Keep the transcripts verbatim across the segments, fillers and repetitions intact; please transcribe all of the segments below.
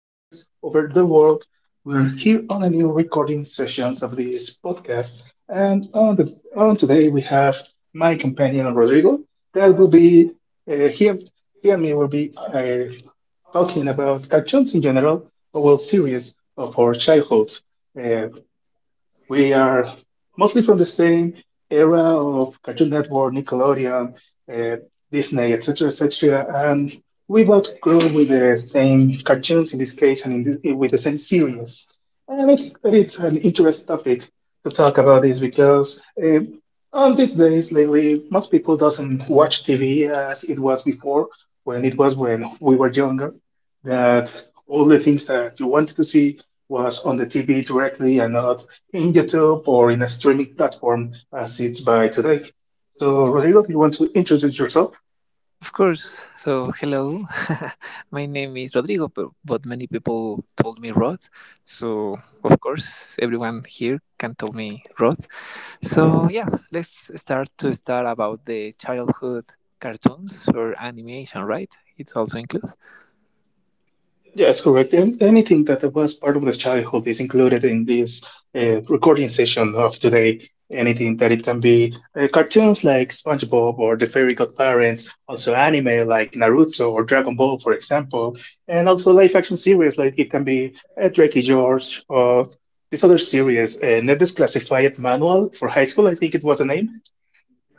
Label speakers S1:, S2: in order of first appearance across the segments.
S1: over the, over the world. We're here on a new recording sessions of this podcast, and on, the, on today we have my companion Rodrigo. That will be uh, he, he and me will be uh, talking about cartoons in general, a whole series of our childhood. We are mostly from the same era of Cartoon Network, Nickelodeon, uh, Disney, et cetera, et cetera, and we both grew with the same cartoons in this case, and in this, with the same series. And I think that it's an interesting topic to talk about this because uh, on these days lately, most people doesn't watch T V as it was before, when it was when we were younger. That all the things that you wanted to see was on the T V directly and not in YouTube or in a streaming platform as it's by today. So, Rodrigo, do you want to introduce yourself?
S2: Of course. So, hello. My name is Rodrigo, bu- but many people told me Rod. So, of course, everyone here can tell me Rod. So, yeah, let's start to start about the childhood cartoons or animation, right? It also includes.
S1: Yes, correct. And anything that was part of the childhood is included in this uh, recording session of today. Anything that it can be uh, cartoons like SpongeBob or The Fairy Godparents, also anime like Naruto or Dragon Ball, for example, and also live action series like it can be uh, Drake and George or this other series, uh, Ned's Classified Manual for High School, I think it was the name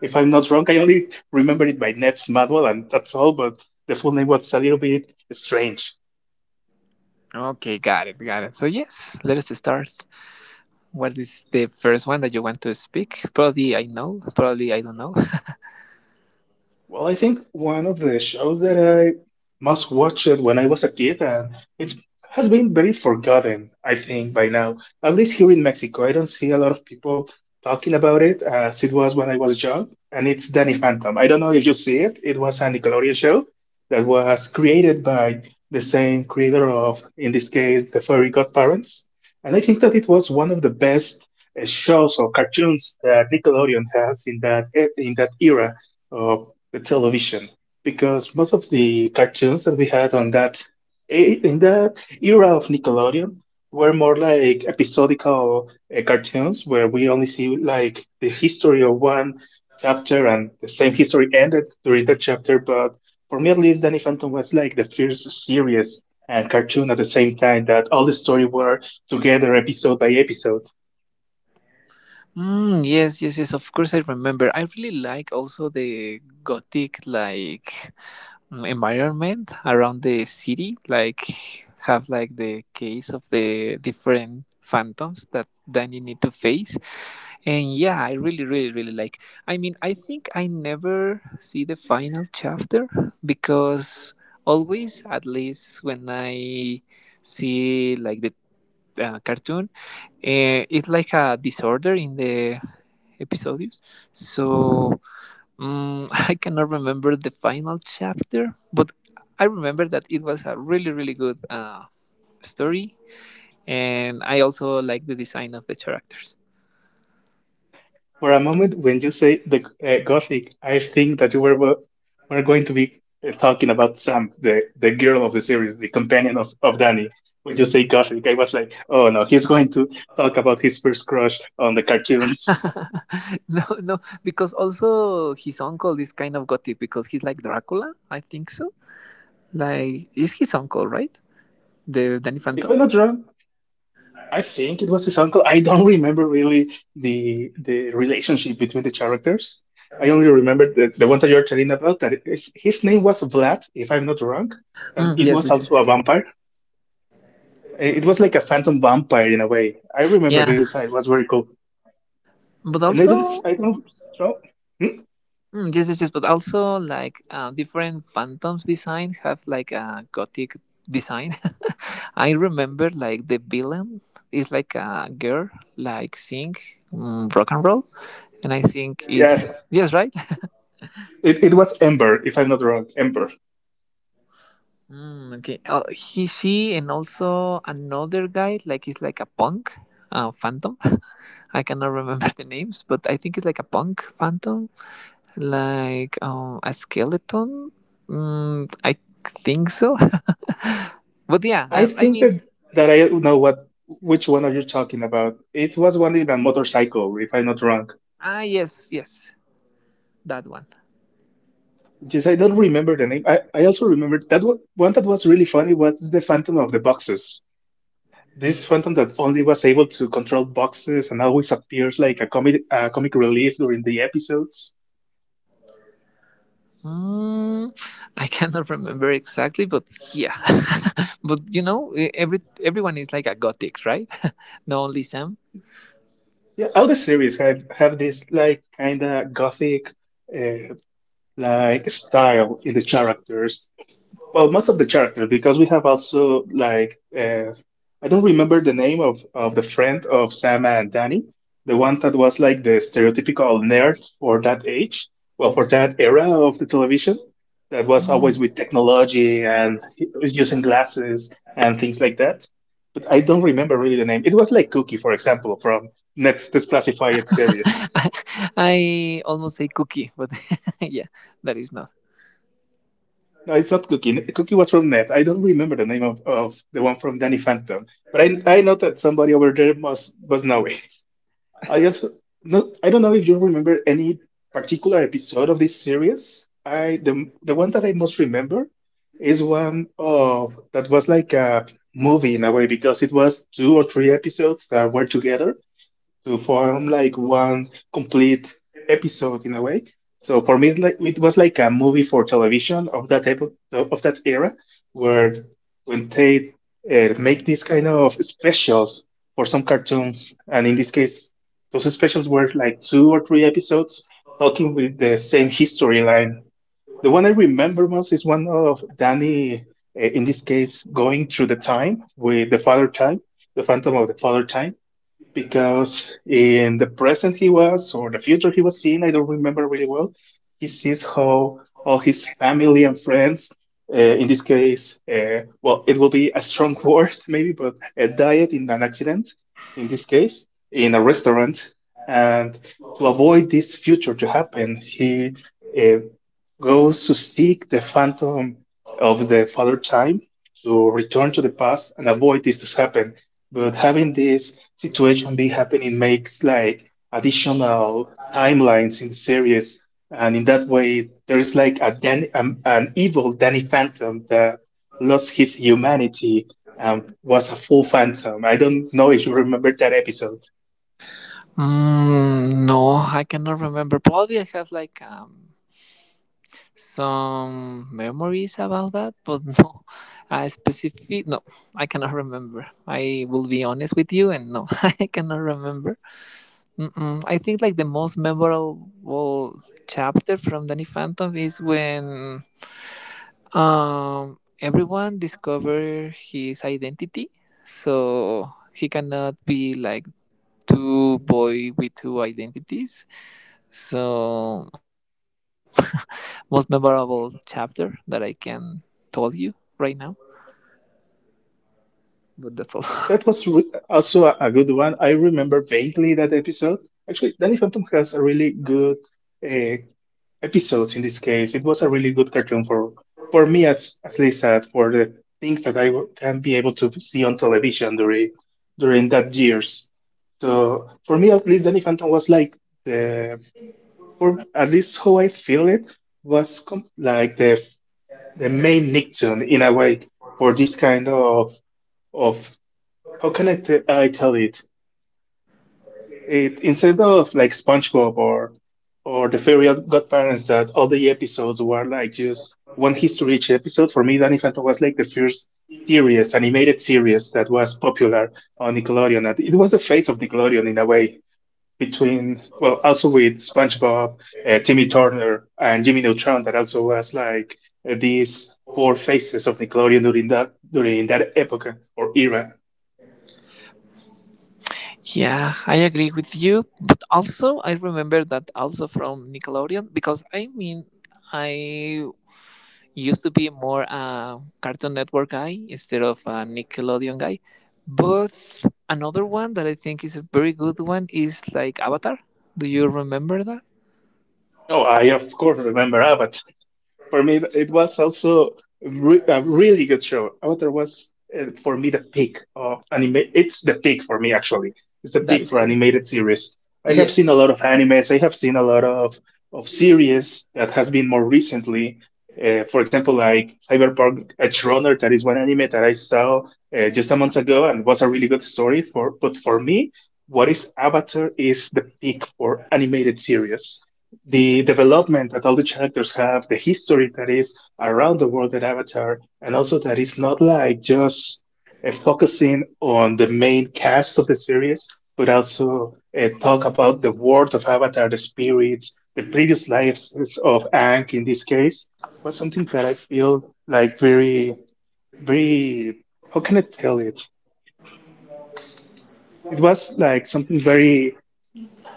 S1: if I'm not wrong. I only remember it by Ned Madwell, and that's all. But the full name was a little bit strange.
S2: Okay, got it, got it. So, yes, let us start. What is the first one that you want to speak? Probably I know, probably I don't know.
S1: Well, I think one of the shows that I must watch it when I was a kid, and it has been very forgotten, I think, by now. At least here in Mexico, I don't see a lot of people talking about it as it was when I was young, and it's Danny Phantom. I don't know if you see it. It was a Nickelodeon show that was created by the same creator of, in this case, The Fairy Godparents. And I think that it was one of the best uh, shows or cartoons that Nickelodeon has in that e- in that era the television, because most of the cartoons that we had on that eh, in that era of Nickelodeon were more like episodical uh, cartoons where we only see like the history of one chapter and the same history ended during that chapter. But for me, at least, Danny Phantom was like the first series and cartoon at the same time that all the story were together episode by episode.
S2: Mm, yes, yes, yes. Of course, I remember. I really like also the gothic like mm, environment around the city. Like have like the case of the different phantoms that then you need to face. And yeah, I really, really, really like. I mean, I think I never see the final chapter because always, at least when I see like the uh, cartoon. Uh, it's like a disorder in the episodes. So um, I cannot remember the final chapter, but I remember that it was a really, really good uh, story. And I also like the design of the characters.
S1: For a moment, when you say the uh, Gothic, I think that you were wo- were going to be uh, talking about Sam, the, the girl of the series, the companion of, of Danny. When you say Gothic, I was like, oh no, he's going to talk about his first crush on the cartoons.
S2: No, no, because also his uncle is kind of gothic because he's like Dracula, I think so. Like, is his uncle, right? The Danny
S1: If
S2: Phantom?
S1: I'm not wrong, I think it was his uncle. I don't remember really the the relationship between the characters. I only remember the, the one that you're telling about. That is, his name was Vlad, if I'm not wrong. That
S2: Mm,
S1: it
S2: yes,
S1: was
S2: yes, yes.
S1: also a vampire. It was like a phantom vampire in a way. I remember
S2: Yeah,
S1: his design; it was very cool.
S2: but
S1: And I don't,
S2: also.
S1: I don't, know- hmm?
S2: Mm, yes, yes, yes. But also, like uh, different Phantoms design have like a gothic design. I remember like the villain is like a girl, like sing, mm, rock and roll, and I think
S1: Yes,
S2: is yes, right.
S1: it, it was Ember, if I'm not wrong, Ember.
S2: Mm, okay, uh, he, she, and also another guy like is like a punk. Uh, phantom. I cannot remember the names, but I think it's like a punk phantom. Like um, a skeleton? Mm, I think so. But yeah, I,
S1: I
S2: I
S1: think
S2: mean,
S1: that that I know what which one are you talking about. It was one in a motorcycle, if I'm not wrong.
S2: ah, yes, yes, that one.
S1: Just I don't remember the name. I, I also remember that one. One that was really funny was the Phantom of the Boxes. This Phantom that only was able to control boxes and always appears like a comic uh, comic relief during the episodes.
S2: Mm, I cannot remember exactly, but yeah. But you know, e- every everyone is like a gothic, right? Not only Sam.
S1: Yeah, all the series have have this like kind of gothic uh, like style in the characters, well, most of the characters, because we have also like uh, I don't remember the name of of the friend of Sam and Danny, the one that was like the stereotypical nerd for that age, well, for that era of the television, that was always with technology and he was using glasses and things like that. But I don't remember really the name. It was like Cookie, for example, from Net's Classified series.
S2: I, I almost say cookie, but yeah, that is not.
S1: No, it's not Cookie. N- Cookie was from Net. I don't remember the name of, of the one from Danny Phantom, but I I know that somebody over there must must know it. I also, no, I don't know if you remember any particular episode of this series. I the the one that I most remember is one of that was like a movie in a way, because it was two or three episodes that were together to form like one complete episode in a way. So for me, it, like, it was like a movie for television of that epo- of that era, where when they uh, make these kind of specials for some cartoons, and in this case, those specials were like two or three episodes talking with the same history line. The one I remember most is one of Danny, uh, in this case, going through the time with the father time, the Phantom of the Father Time, because in the present he was or the future he was seeing, I don't remember really well. He sees how all his family and friends, uh, in this case, uh, well, it will be a strong word maybe, but uh, died in an accident. In this case, in a restaurant, and to avoid this future to happen, he uh, goes to seek the phantom of the father time to return to the past and avoid this to happen. But having this situation be happening makes like additional timelines in series, and in that way there is like a Dan- um, an evil Danny Phantom that lost his humanity and was a full phantom. I don't know if you remember that episode.
S2: Mm, no, I cannot remember. Probably I have like um, some memories about that, but no, a specific. No, I cannot remember. I will be honest with you, and no, I cannot remember. Mm-mm. I think like the most memorable chapter from Danny Phantom is when um everyone discover his identity, so he cannot be like two boy with two identities, so I think it's the most memorable chapter that I can tell you right now. But that's all.
S1: That was re- also a, a good one. I remember vaguely that episode. Actually, Danny Phantom has a really good uh, episodes in this case. It was a really good cartoon for for me as at least as for the things that I w- can be able to see on television during, during that years. So for me at least Danny Phantom was like the, for at least how I feel it was com- like the the main Nicktoon in a way for this kind of of how can I, t- I tell it. It instead of like SpongeBob or or the Fairy Godparents that all the episodes were like just one history each episode. For me, Danny Phantom was like the first series, animated series that was popular on Nickelodeon. And it was the face of Nickelodeon in a way. Between, well, also with SpongeBob, uh, Timmy Turner, and Jimmy Neutron, that also was like uh, these four faces of Nickelodeon during that, during that epoca or era.
S2: Yeah, I agree with you. But also, I remember that also from Nickelodeon because I mean, I used to be more a Cartoon Network guy instead of a Nickelodeon guy. But another one that I think is a very good one is like Avatar. Do you remember that?
S1: Oh, I of course remember Abbott. For me, it was also re- a really good show. Avatar was, uh, for me, the peak of anime. It's the peak for me, actually. It's the
S2: That
S1: peak
S2: is
S1: for
S2: good.
S1: animated series. I have seen a
S2: Yes.
S1: lot of animes. I have seen a lot of, of series that has been more recently. Uh, for example, like Cyberpunk Edge Runner, that is one anime that I saw uh, just a month ago, and was a really good story. For but for me, what is Avatar is the peak for animated series, the development that all the characters have, the history that is around the world that Avatar, and also that it's not like just uh, focusing on the main cast of the series, but also uh, talk about the world of Avatar, the spirits, the previous lives of Aang in this case, was something that I feel like very, very, how can I tell it? It was like something very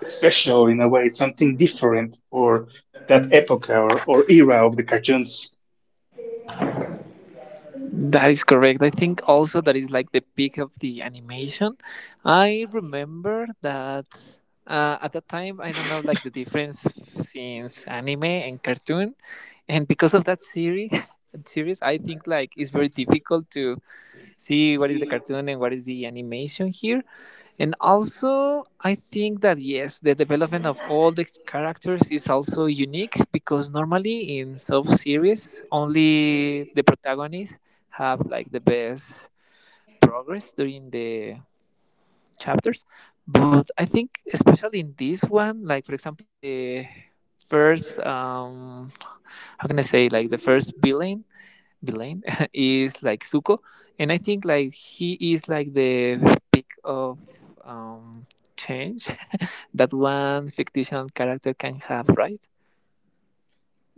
S1: special in a way, something different for that epoch or, or era of the cartoons.
S2: That is correct. I think also that is like the peak of the animation. I remember that uh, at that time, I don't know, like the difference since anime and cartoon. And because of that series, series, I think like it's very difficult to see what is the cartoon and what is the animation here. And also, I think that yes, the development of all the characters is also unique because normally in sub series, only the protagonists have like the best progress during the chapters. But I think, especially in this one, like for example, the first, um, how can I say, like the first villain Villain is like Zuko, and I think like he is like the peak of um change that one fictional character can have, right?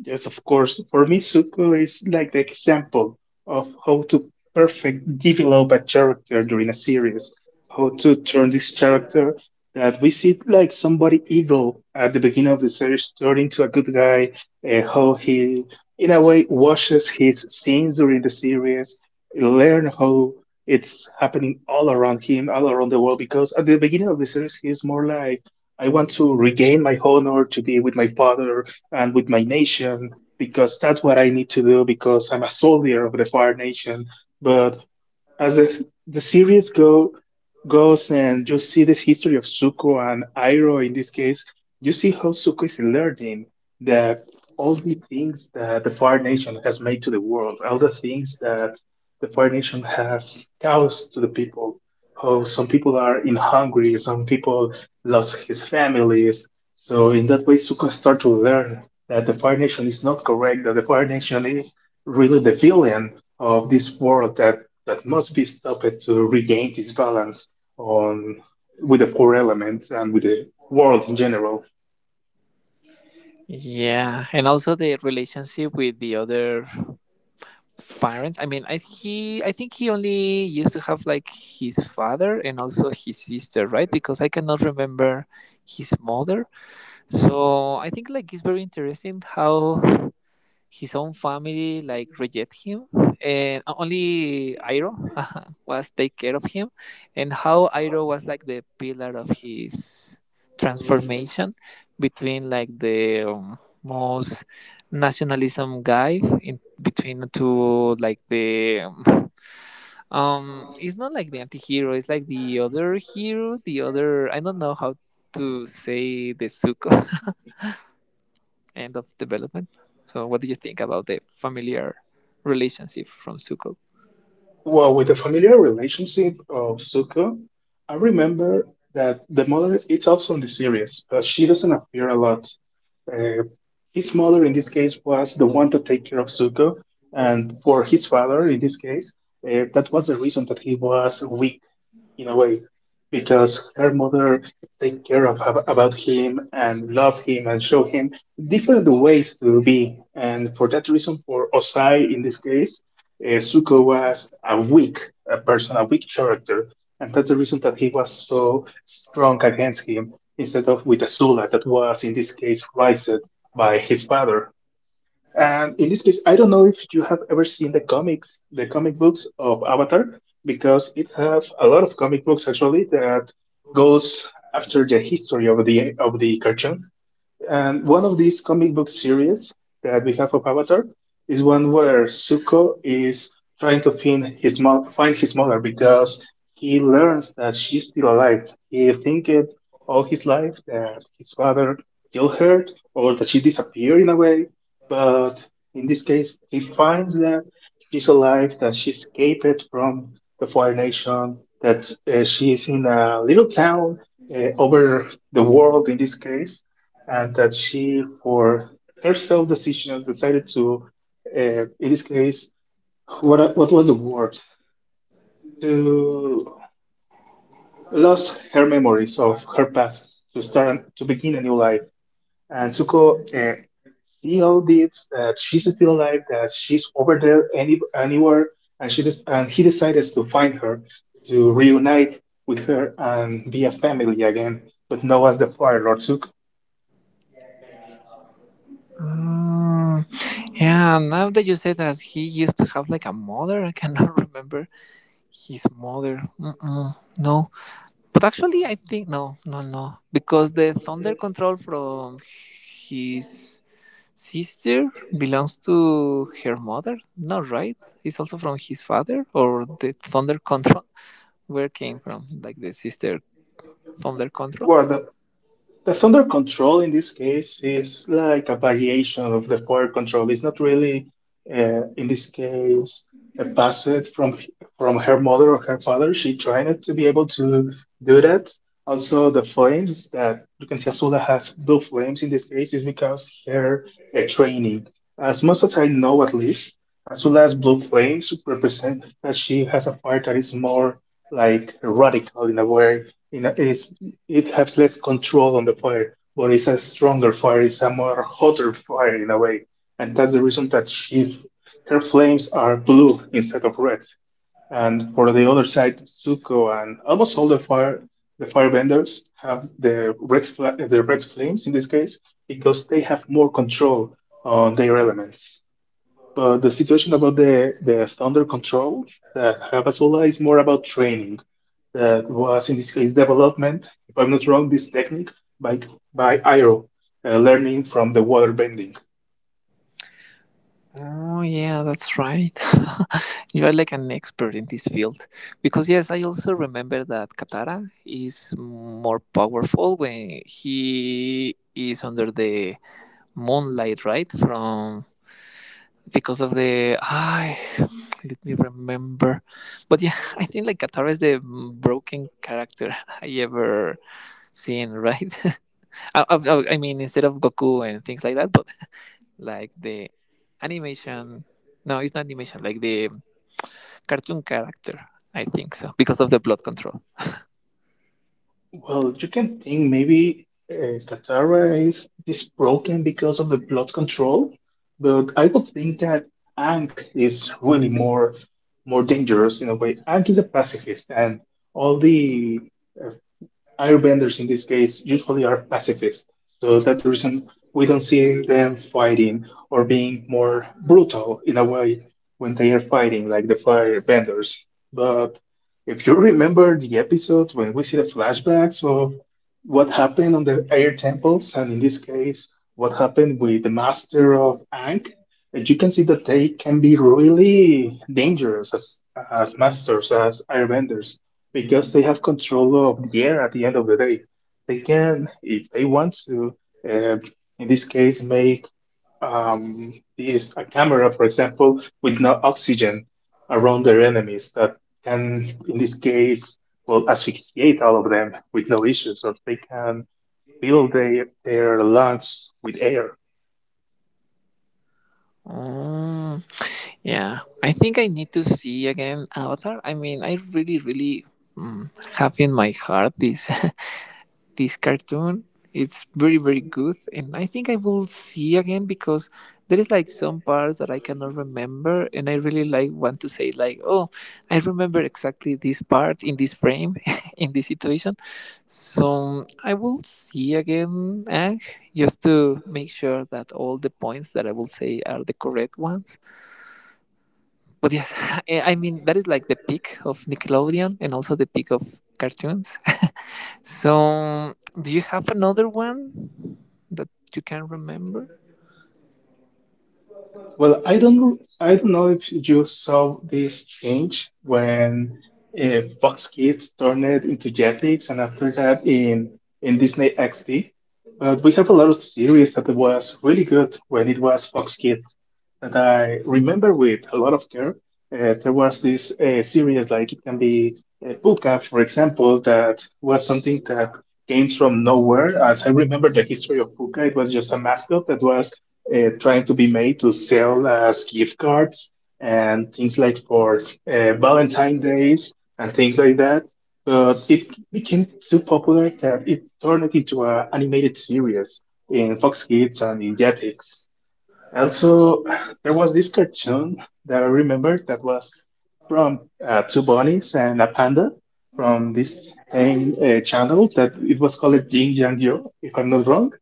S1: Yes, of course. For me, Suko is like the example of how to perfect develop a character during a series, how to turn this character that we see like somebody evil at the beginning of the series turned into a good guy, and how he, in a way, washes his sins during the series, learn how it's happening all around him, all around the world, because at the beginning of the series, he's more like, I want to regain my honor to be with my father, and with my nation because that's what I need to do because I'm a soldier of the Fire Nation. But as if the series go goes and you see this history of Suko and Iroh in this case, you see how Suko is learning that all the things that the Fire Nation has made to the world, all the things that the Fire Nation has caused to the people, how some people are in hungry, some people lost his families. So in that way, Suko start to learn that the Fire Nation is not correct, that the Fire Nation is really the villain of this world that that must be stopped to regain this balance on with the four elements and with the world in general.
S2: Yeah, and also the relationship with the other parents. I mean, I he I think he only used to have like his father and also his sister, right? Because I cannot remember his mother. So I think like it's very interesting how his own family like reject him and only Iro was take care of him and how Iro was like the pillar of his transformation between like the um, most nationalism guy in between to like the um, um it's not like the anti-hero, it's like the other hero, the other, I don't know how to say, the Suko end of development. So, what do you think about the familiar relationship from Zuko?
S1: Well, with the familiar relationship of Zuko, I remember that the mother is also in the series, but she doesn't appear a lot. Uh, his mother in this case was the one to take care of Zuko, and for his father in this case, uh, that was the reason that he was weak in a way because her mother take care of ab- about him and love him and show him different ways to be and for that reason for osai in this case uh, suko was a weak a person a weak character and that's the reason that he was so strong against him instead of with Azula, that was in this case raised by his father and in this case, I don't know if you have ever seen the comics, the comic books of Avatar, because it has a lot of comic books actually that goes after the history of the of the cartoon. And one of these comic book series that we have of Avatar is one where Zuko is trying to find his mo- find his mother because he learns that she's still alive. He thinking all his life that his father killed her or that she disappeared in a way, but in this case, he finds that she's alive, that she escaped from the Fire Nation, that uh, she's in a little town uh, over the world in this case and that she, for her self decision, decided to, uh, in this case, what what was the word to lose her memories of her past to start to begin a new life. And Suko, uh, she all did that she's still alive, that she's over there any anywhere, and she just and he decides to find her, to reunite with her and be a family again, but now as the Fire Lord Suko.
S2: Mm, yeah, now that you said that he used to have like a mother, I cannot remember his mother. Mm-mm, no. But actually, I think no, no, no, because the thunder control from his sister belongs to her mother. No, right? It's also from his father, or the thunder control. Where came from? Like the sister thunder control.
S1: Well, the, The thunder control in this case is like a variation of the fire control. It's not really, uh, in this case, a passed from from her mother or her father. She tried not to be able to do that. Also, the flames that you can see Azula has blue flames in this case is because her uh, training. As much as I know, at least, Azula's blue flames represent that she has a fire that is more like radical in a way. In a, it's it has less control on the fire, but it's a stronger fire. It's a more hotter fire in a way, and that's the reason that she's her flames are blue instead of red. And for the other side, Zuko and almost all the fire the firebenders have the red fla- the red flames in this case because they have more control on their elements. But the situation about the the thunder control that have Azula is more about training that was in this case development, if I'm not wrong, this technique by by Iro, uh, learning from the water bending.
S2: Oh, yeah, that's right. You are like an expert in this field. Because, yes, I also remember that Katara is more powerful when he is under the moonlight, right? From because of the. I let me remember. But yeah, I think like Katara is the broken character I ever seen, right? I, I, I mean, instead of Goku and things like that, but like the animation. No, it's not animation. Like the cartoon character. I think so because of the blood control.
S1: Well, you can think maybe uh, Katara is this broken because of the blood control, but I would think that Ang is really more more dangerous in a way. Ang is a pacifist, and all the uh, Airbenders in this case usually are pacifists, so that's the reason we don't see them fighting or being more brutal in a way when they are fighting, like the firebenders. But if you remember the episodes when we see the flashbacks of what happened on the air temples, and in this case, what happened with the master of Ankh, you can see that they can be really dangerous as, as masters, as airbenders because they have control of the air at the end of the day. They can, if they want to, uh, in this case, make um, this a camera, for example, with no oxygen around their enemies that can, in this case, well, asphyxiate all of them with no issues, or they can fill their, their lungs with air.
S2: Mm, yeah, I think I need to see again Avatar. I mean, I really, really, mm, have in my heart this this cartoon. It's very very good, and I think I will see again because there is like some parts that I cannot remember, and I really like want to say like, oh, I remember exactly this part in this frame, in this situation. So I will see again, Ang, just to make sure that all the points that I will say are the correct ones. But yes, I I mean that is like the peak of Nickelodeon and also the peak of cartoons. So, do you have another one that you can remember?
S1: Well, I don't know. I don't know if you saw this change when uh, Fox Kids turned it into Jetix, and after that in in Disney X D. But we have a lot of series that was really good when it was Fox Kids that I remember with a lot of care. Uh, there was this uh, series like it can be uh, Puka, for example, that was something that came from nowhere. As I remember the history of Puka, it was just a mascot that was uh, trying to be made to sell as gift cards and things like for uh, Valentine days and things like that. But it became so popular that it turned it into an animated series in Fox Kids and in Jetix. Also, there was this cartoon that I remember that was from uh, two bunnies and a panda from this same uh, channel that it was called Jing Yang Yo, if I'm not wrong.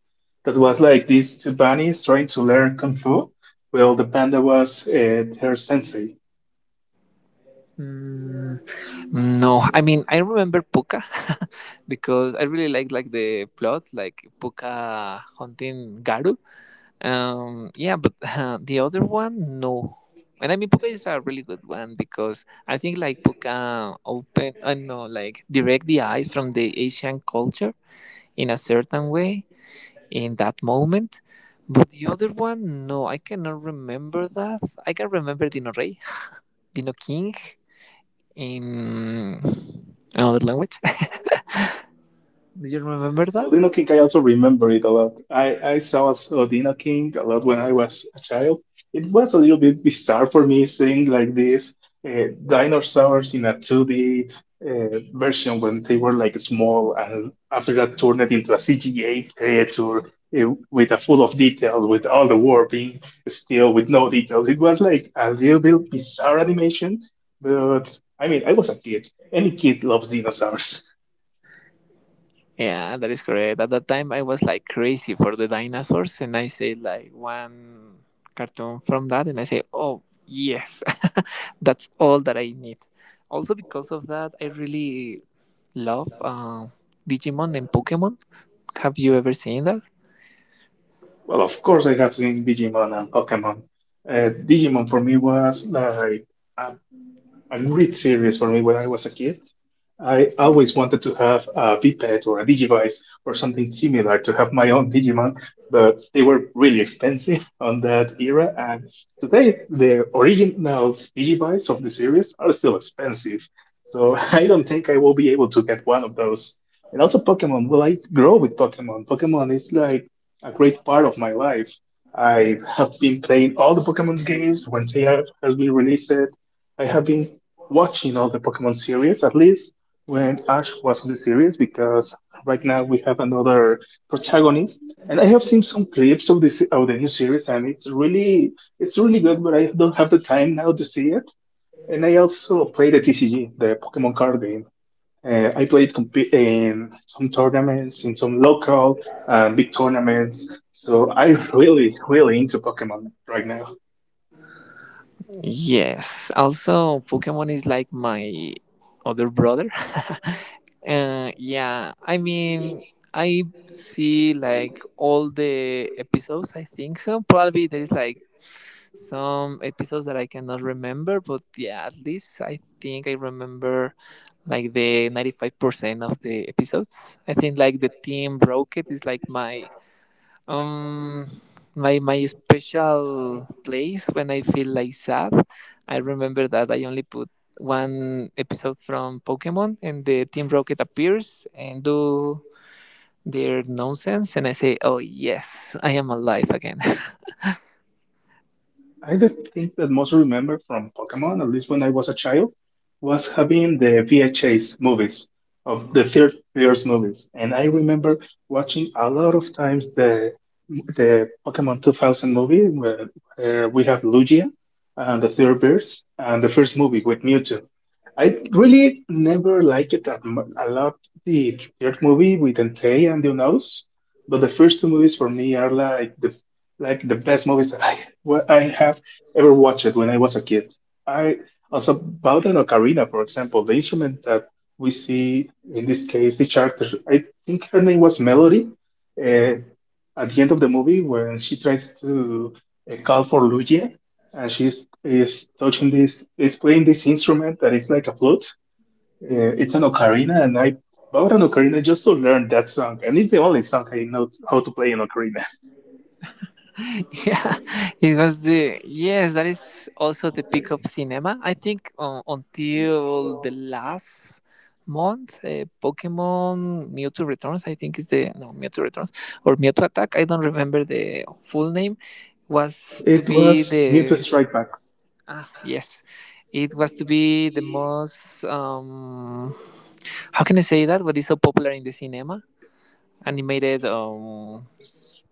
S1: That was like these two bunnies trying to learn kung fu, while the panda was uh, her sensei.
S2: Mm, no, I mean I remember Puka because I really like like the plot, like Puka hunting Garu. Um, yeah, but uh, the other one, no. And I mean Puka is a really good one because I think like Puka open, I uh, know, like direct the eyes from the Asian culture in a certain way in that moment. But the other one, no, I cannot remember that. I can remember Dino Rey, Dino King in another language. Do you remember that?
S1: Odino King, I also remember it a lot. I, I saw as Odino King a lot when I was a child. It was a little bit bizarre for me seeing like this uh, dinosaurs in a two D uh, version when they were like small and after that turned it into a C G A creature uh, with a full of details, with all the warping, still with no details. It was like a little bit bizarre animation, but I mean, I was a kid. Any kid loves dinosaurs.
S2: Yeah, that is correct. At that time, I was like crazy for the dinosaurs, and I say like one cartoon from that, and I say, oh, yes, that's all that I need. Also, because of that, I really love uh, Digimon and Pokemon. Have you ever seen that?
S1: Well, of course, I have seen Digimon and Pokemon. Uh, Digimon for me was like a a great series for me when I was a kid. I always wanted to have a Vpet or a Digivice or something similar to have my own Digimon, but they were really expensive on that era. And today, the original Digivice of the series are still expensive. So I don't think I will be able to get one of those. And also, Pokemon. Well, I grow with Pokemon. Pokemon is like a great part of my life. I have been playing all the Pokemon games when they have has been released. I have been watching all the Pokemon series, at least when Ash was on the series, because right now we have another protagonist, and I have seen some clips of this of the new series, and it's really it's really good, but I don't have the time now to see it. And I also play the T C G, the Pokemon card game. Uh, I played comp- in some tournaments, in some local uh, big tournaments. So I'm really, really into Pokemon right now.
S2: Yes. Also, Pokemon is like my other brother. Uh, yeah. I mean, I see like all the episodes. I think so. Probably there is like some episodes that I cannot remember, but yeah, at least I think I remember like the ninety-five percent of the episodes. I think like the Team Rocket is like my um, my my special place when I feel like sad, I remember that I only put one episode from Pokemon, and the Team Rocket appears and do their nonsense, and I say, "Oh yes, I am alive again."
S1: I the thing that most remember from Pokemon, at least when I was a child, was having the V H S movies of the third years movies, and I remember watching a lot of times the the Pokemon two thousand movie where, where we have Lugia and the third birds and the first movie with Mewtwo. I really never liked it that mu a lot. The third movie with Entei and the Unos, but the first two movies for me are like the like the best movies that I what I have ever watched when I was a kid. I also about an ocarina, for example, the instrument that we see in this case, the character. I think her name was Melody. Uh, at the end of the movie, when she tries to uh, call for Luigi, and she's is touching this, is playing this instrument that is like a flute. Uh, it's an ocarina, and I bought an ocarina just to learn that song, and it's the only song I know how to play an ocarina.
S2: Yeah, it was the yes. That is also the peak of cinema. I think uh, until the last month, uh, Pokemon Mewtwo Returns. I think is the no Mewtwo Returns or Mewtwo Attack. I don't remember the full name. Was to
S1: It
S2: be
S1: was Mewtwo
S2: the
S1: Strike Back.
S2: ah yes, it was to be the most um how can I say that? What is so popular in the cinema? Animated um. s-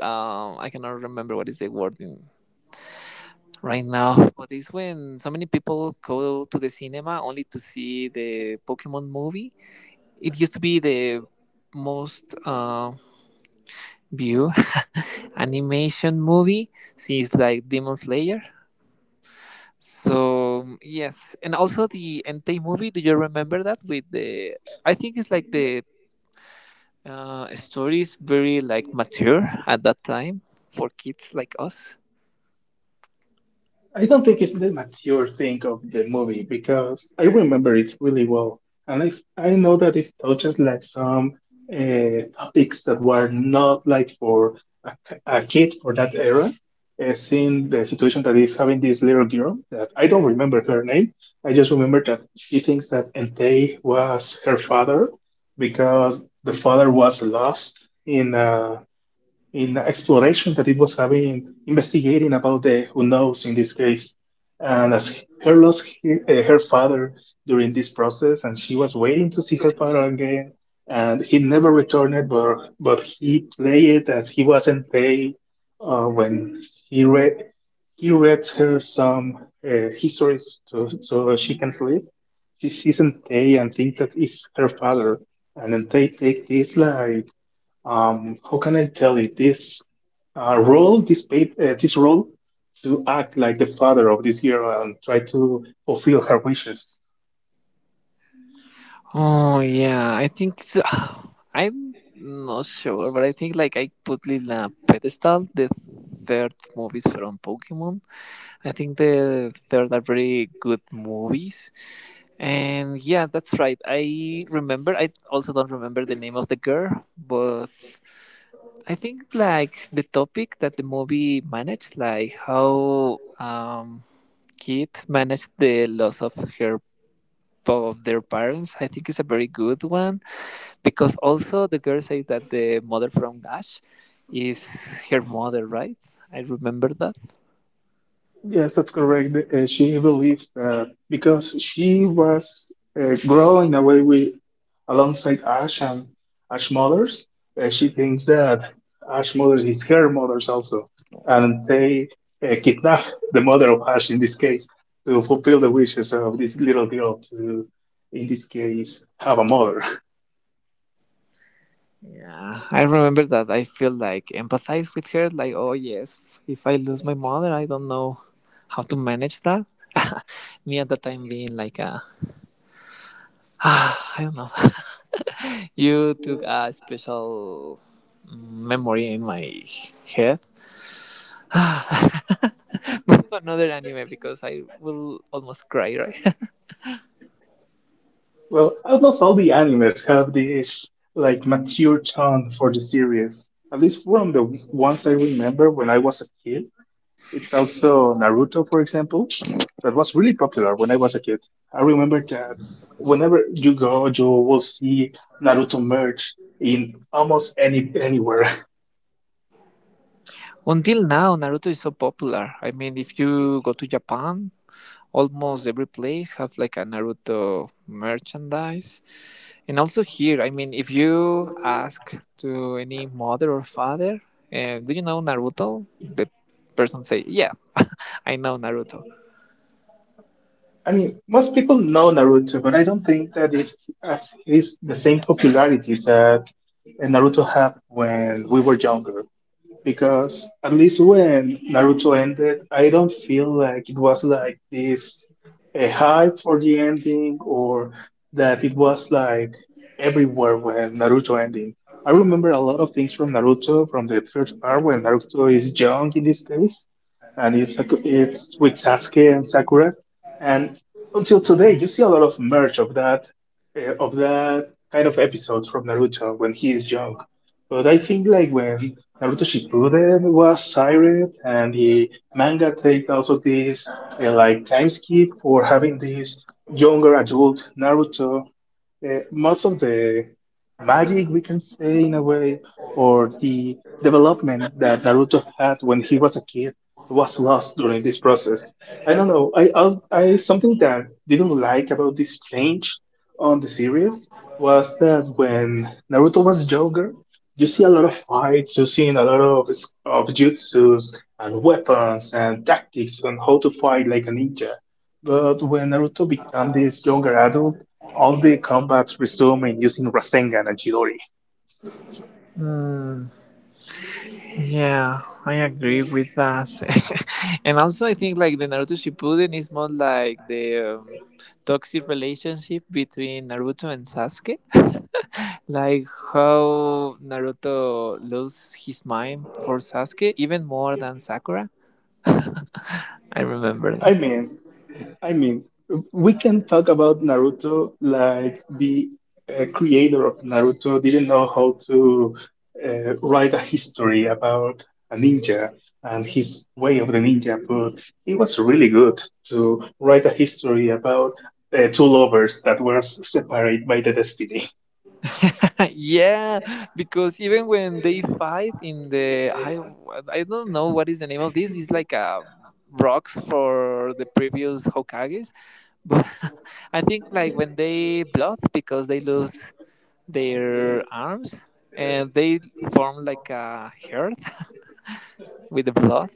S2: Um, I cannot remember what is the word in right now, but it's when so many people go to the cinema only to see the Pokemon movie. It used to be the most uh, view animation movie since like Demon Slayer. So yes, and also the Entei movie. Do you remember that with the, I think it's like the uh, story is very like mature at that time for kids like us?
S1: I don't think it's the mature thing of the movie because I remember it really well. And I, I know that it touches like some uh, topics that were not like for a a kid for that era. Uh, seeing the situation that is having this little girl that I don't remember her name. I just remember that she thinks that Entei was her father because the father was lost in a in the exploration that it was having, investigating about the who knows in this case. And as her lost he- uh, her father during this process, and she was waiting to see her father again, and he never returned, but but he played it as he wasn't paid uh, when he read he read her some uh, histories so, so she can sleep. She sees Tay and think that it's her father, and then they take this like um, how can I tell it? This uh, role, this paper, uh, this role, to act like the father of this girl and try to fulfill her wishes.
S2: Oh yeah, I think it's, I'm not sure, but I think like I put in a pedestal the third movies from Pokemon. I think the third are very good movies. And yeah, that's right. I remember. I also don't remember the name of the girl, but I think like the topic that the movie managed, like how um, Kit managed the loss of her of their parents, I think is a very good one because also the girl said that the mother from Gash is her mother, right? I remember that.
S1: Yes, that's correct. Uh, she believes that because she was uh, growing away with alongside Ash and Ash Mothers. Uh, she thinks that Ash Mothers is her mothers also, and they uh, kidnap the mother of Ash in this case to fulfill the wishes of this little girl to, in this case, have a mother.
S2: Yeah, I remember that. I feel like empathize with her, like, oh yes, if I lose my mother, I don't know how to manage that. Me at the time being like a, I don't know. You took a special memory in my head. Move to another anime because I will almost cry, right?
S1: Well, almost all the animes have this like mature tone for the series. At least from the ones I remember when I was a kid, it's also Naruto, for example, that was really popular when I was a kid. I remember that whenever you go, you will see Naruto merch in almost any anywhere.
S2: Until now, Naruto is so popular. I mean, if you go to Japan, almost every place have like a Naruto merchandise. And also here, I mean, if you ask to any mother or father, uh, do you know Naruto? The person say, yeah, I know Naruto.
S1: I mean, most people know Naruto, but I don't think that it has is the same popularity that Naruto had when we were younger, because at least when Naruto ended, I don't feel like it was like this a hype for the ending, or that it was like everywhere when Naruto ending. I remember a lot of things from Naruto from the first part when Naruto is young in this case, and it's it's with Sasuke and Sakura, and until today you see a lot of merch of that, uh, of that kind of episodes from Naruto when he is young. But I think like when Naruto Shippuden was sired, and the manga take also this uh, like time skip for having this younger adult Naruto, uh, most of the magic we can say in a way, or the development that naruto had when he was a kid, was lost during this process. I don't know, i i, I something that didn't like about this change on the series was that when naruto was younger you see a lot of fights, you see a lot of of jutsus and weapons and tactics on how to fight like a ninja. But when naruto became this younger adult, all the combats resume in using Rasengan and Chidori.
S2: Mm, yeah, I agree with that. And also, I think like the Naruto Shippuden is more like the um, toxic relationship between Naruto and Sasuke, like how Naruto loses his mind for Sasuke even more than Sakura. I remember
S1: I
S2: that.
S1: mean, I mean, we can talk about Naruto like the uh, creator of Naruto didn't know how to uh, write a history about a ninja and his way of the ninja, but it was really good to write a history about uh, two lovers that were separated by the destiny.
S2: Yeah, because even when they fight in the I I don't know what is the name of this. It's like a rocks for the previous Hokages, but I think like when they blood because they lose their arms and they form like a herd with the blood.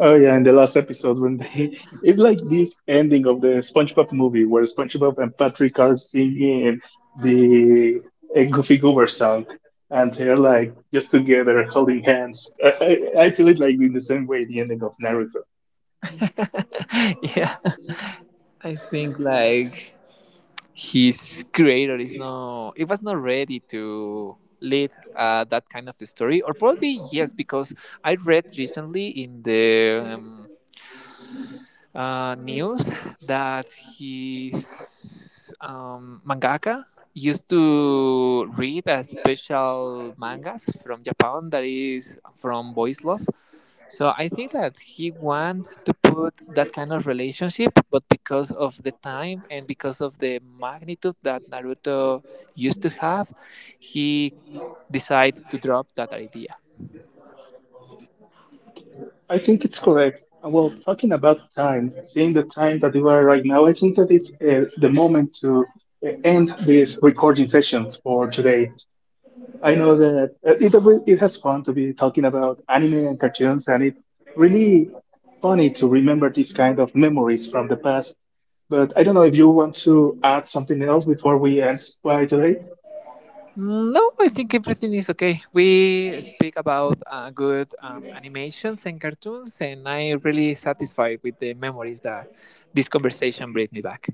S1: Oh yeah, in the last episode when they it's like this ending of the SpongeBob movie where SpongeBob and Patrick are singing the a Goofy Goober song and they're like just together holding hands. I, I, I feel it like in the same way the ending of Naruto.
S2: Yeah, I think like his creator is not it was not ready to lead uh, that kind of a story or probably yes because I read recently in the um, uh, news that his um, mangaka used to read a special mangas from Japan that is from Boys Love. So I think that he want to put that kind of relationship, but because of the time and because of the magnitude that Naruto used to have, he decided to drop that idea.
S1: I think it's correct. And well, talking about time, seeing the time that we are right now, I think that is uh, the moment to uh, end these recording sessions for today. I know that uh, it it has fun to be talking about anime and cartoons, and it's really funny to remember these kind of memories from the past. But I don't know if you want to add something else before we end by today.
S2: Mm, no, I think everything is okay. We speak about uh, good um, animations and cartoons, and I'm really satisfied with the memories that this conversation brings me back.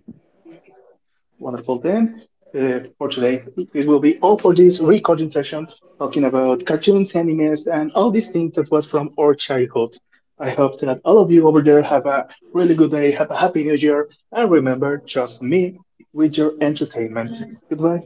S1: Wonderful then. Uh, for today, this will be all for this recording session, talking about cartoons, animes, and all these things that was from our childhood. I hope that all of you over there have a really good day, have a happy new year, and remember, trust me with your entertainment. Goodbye.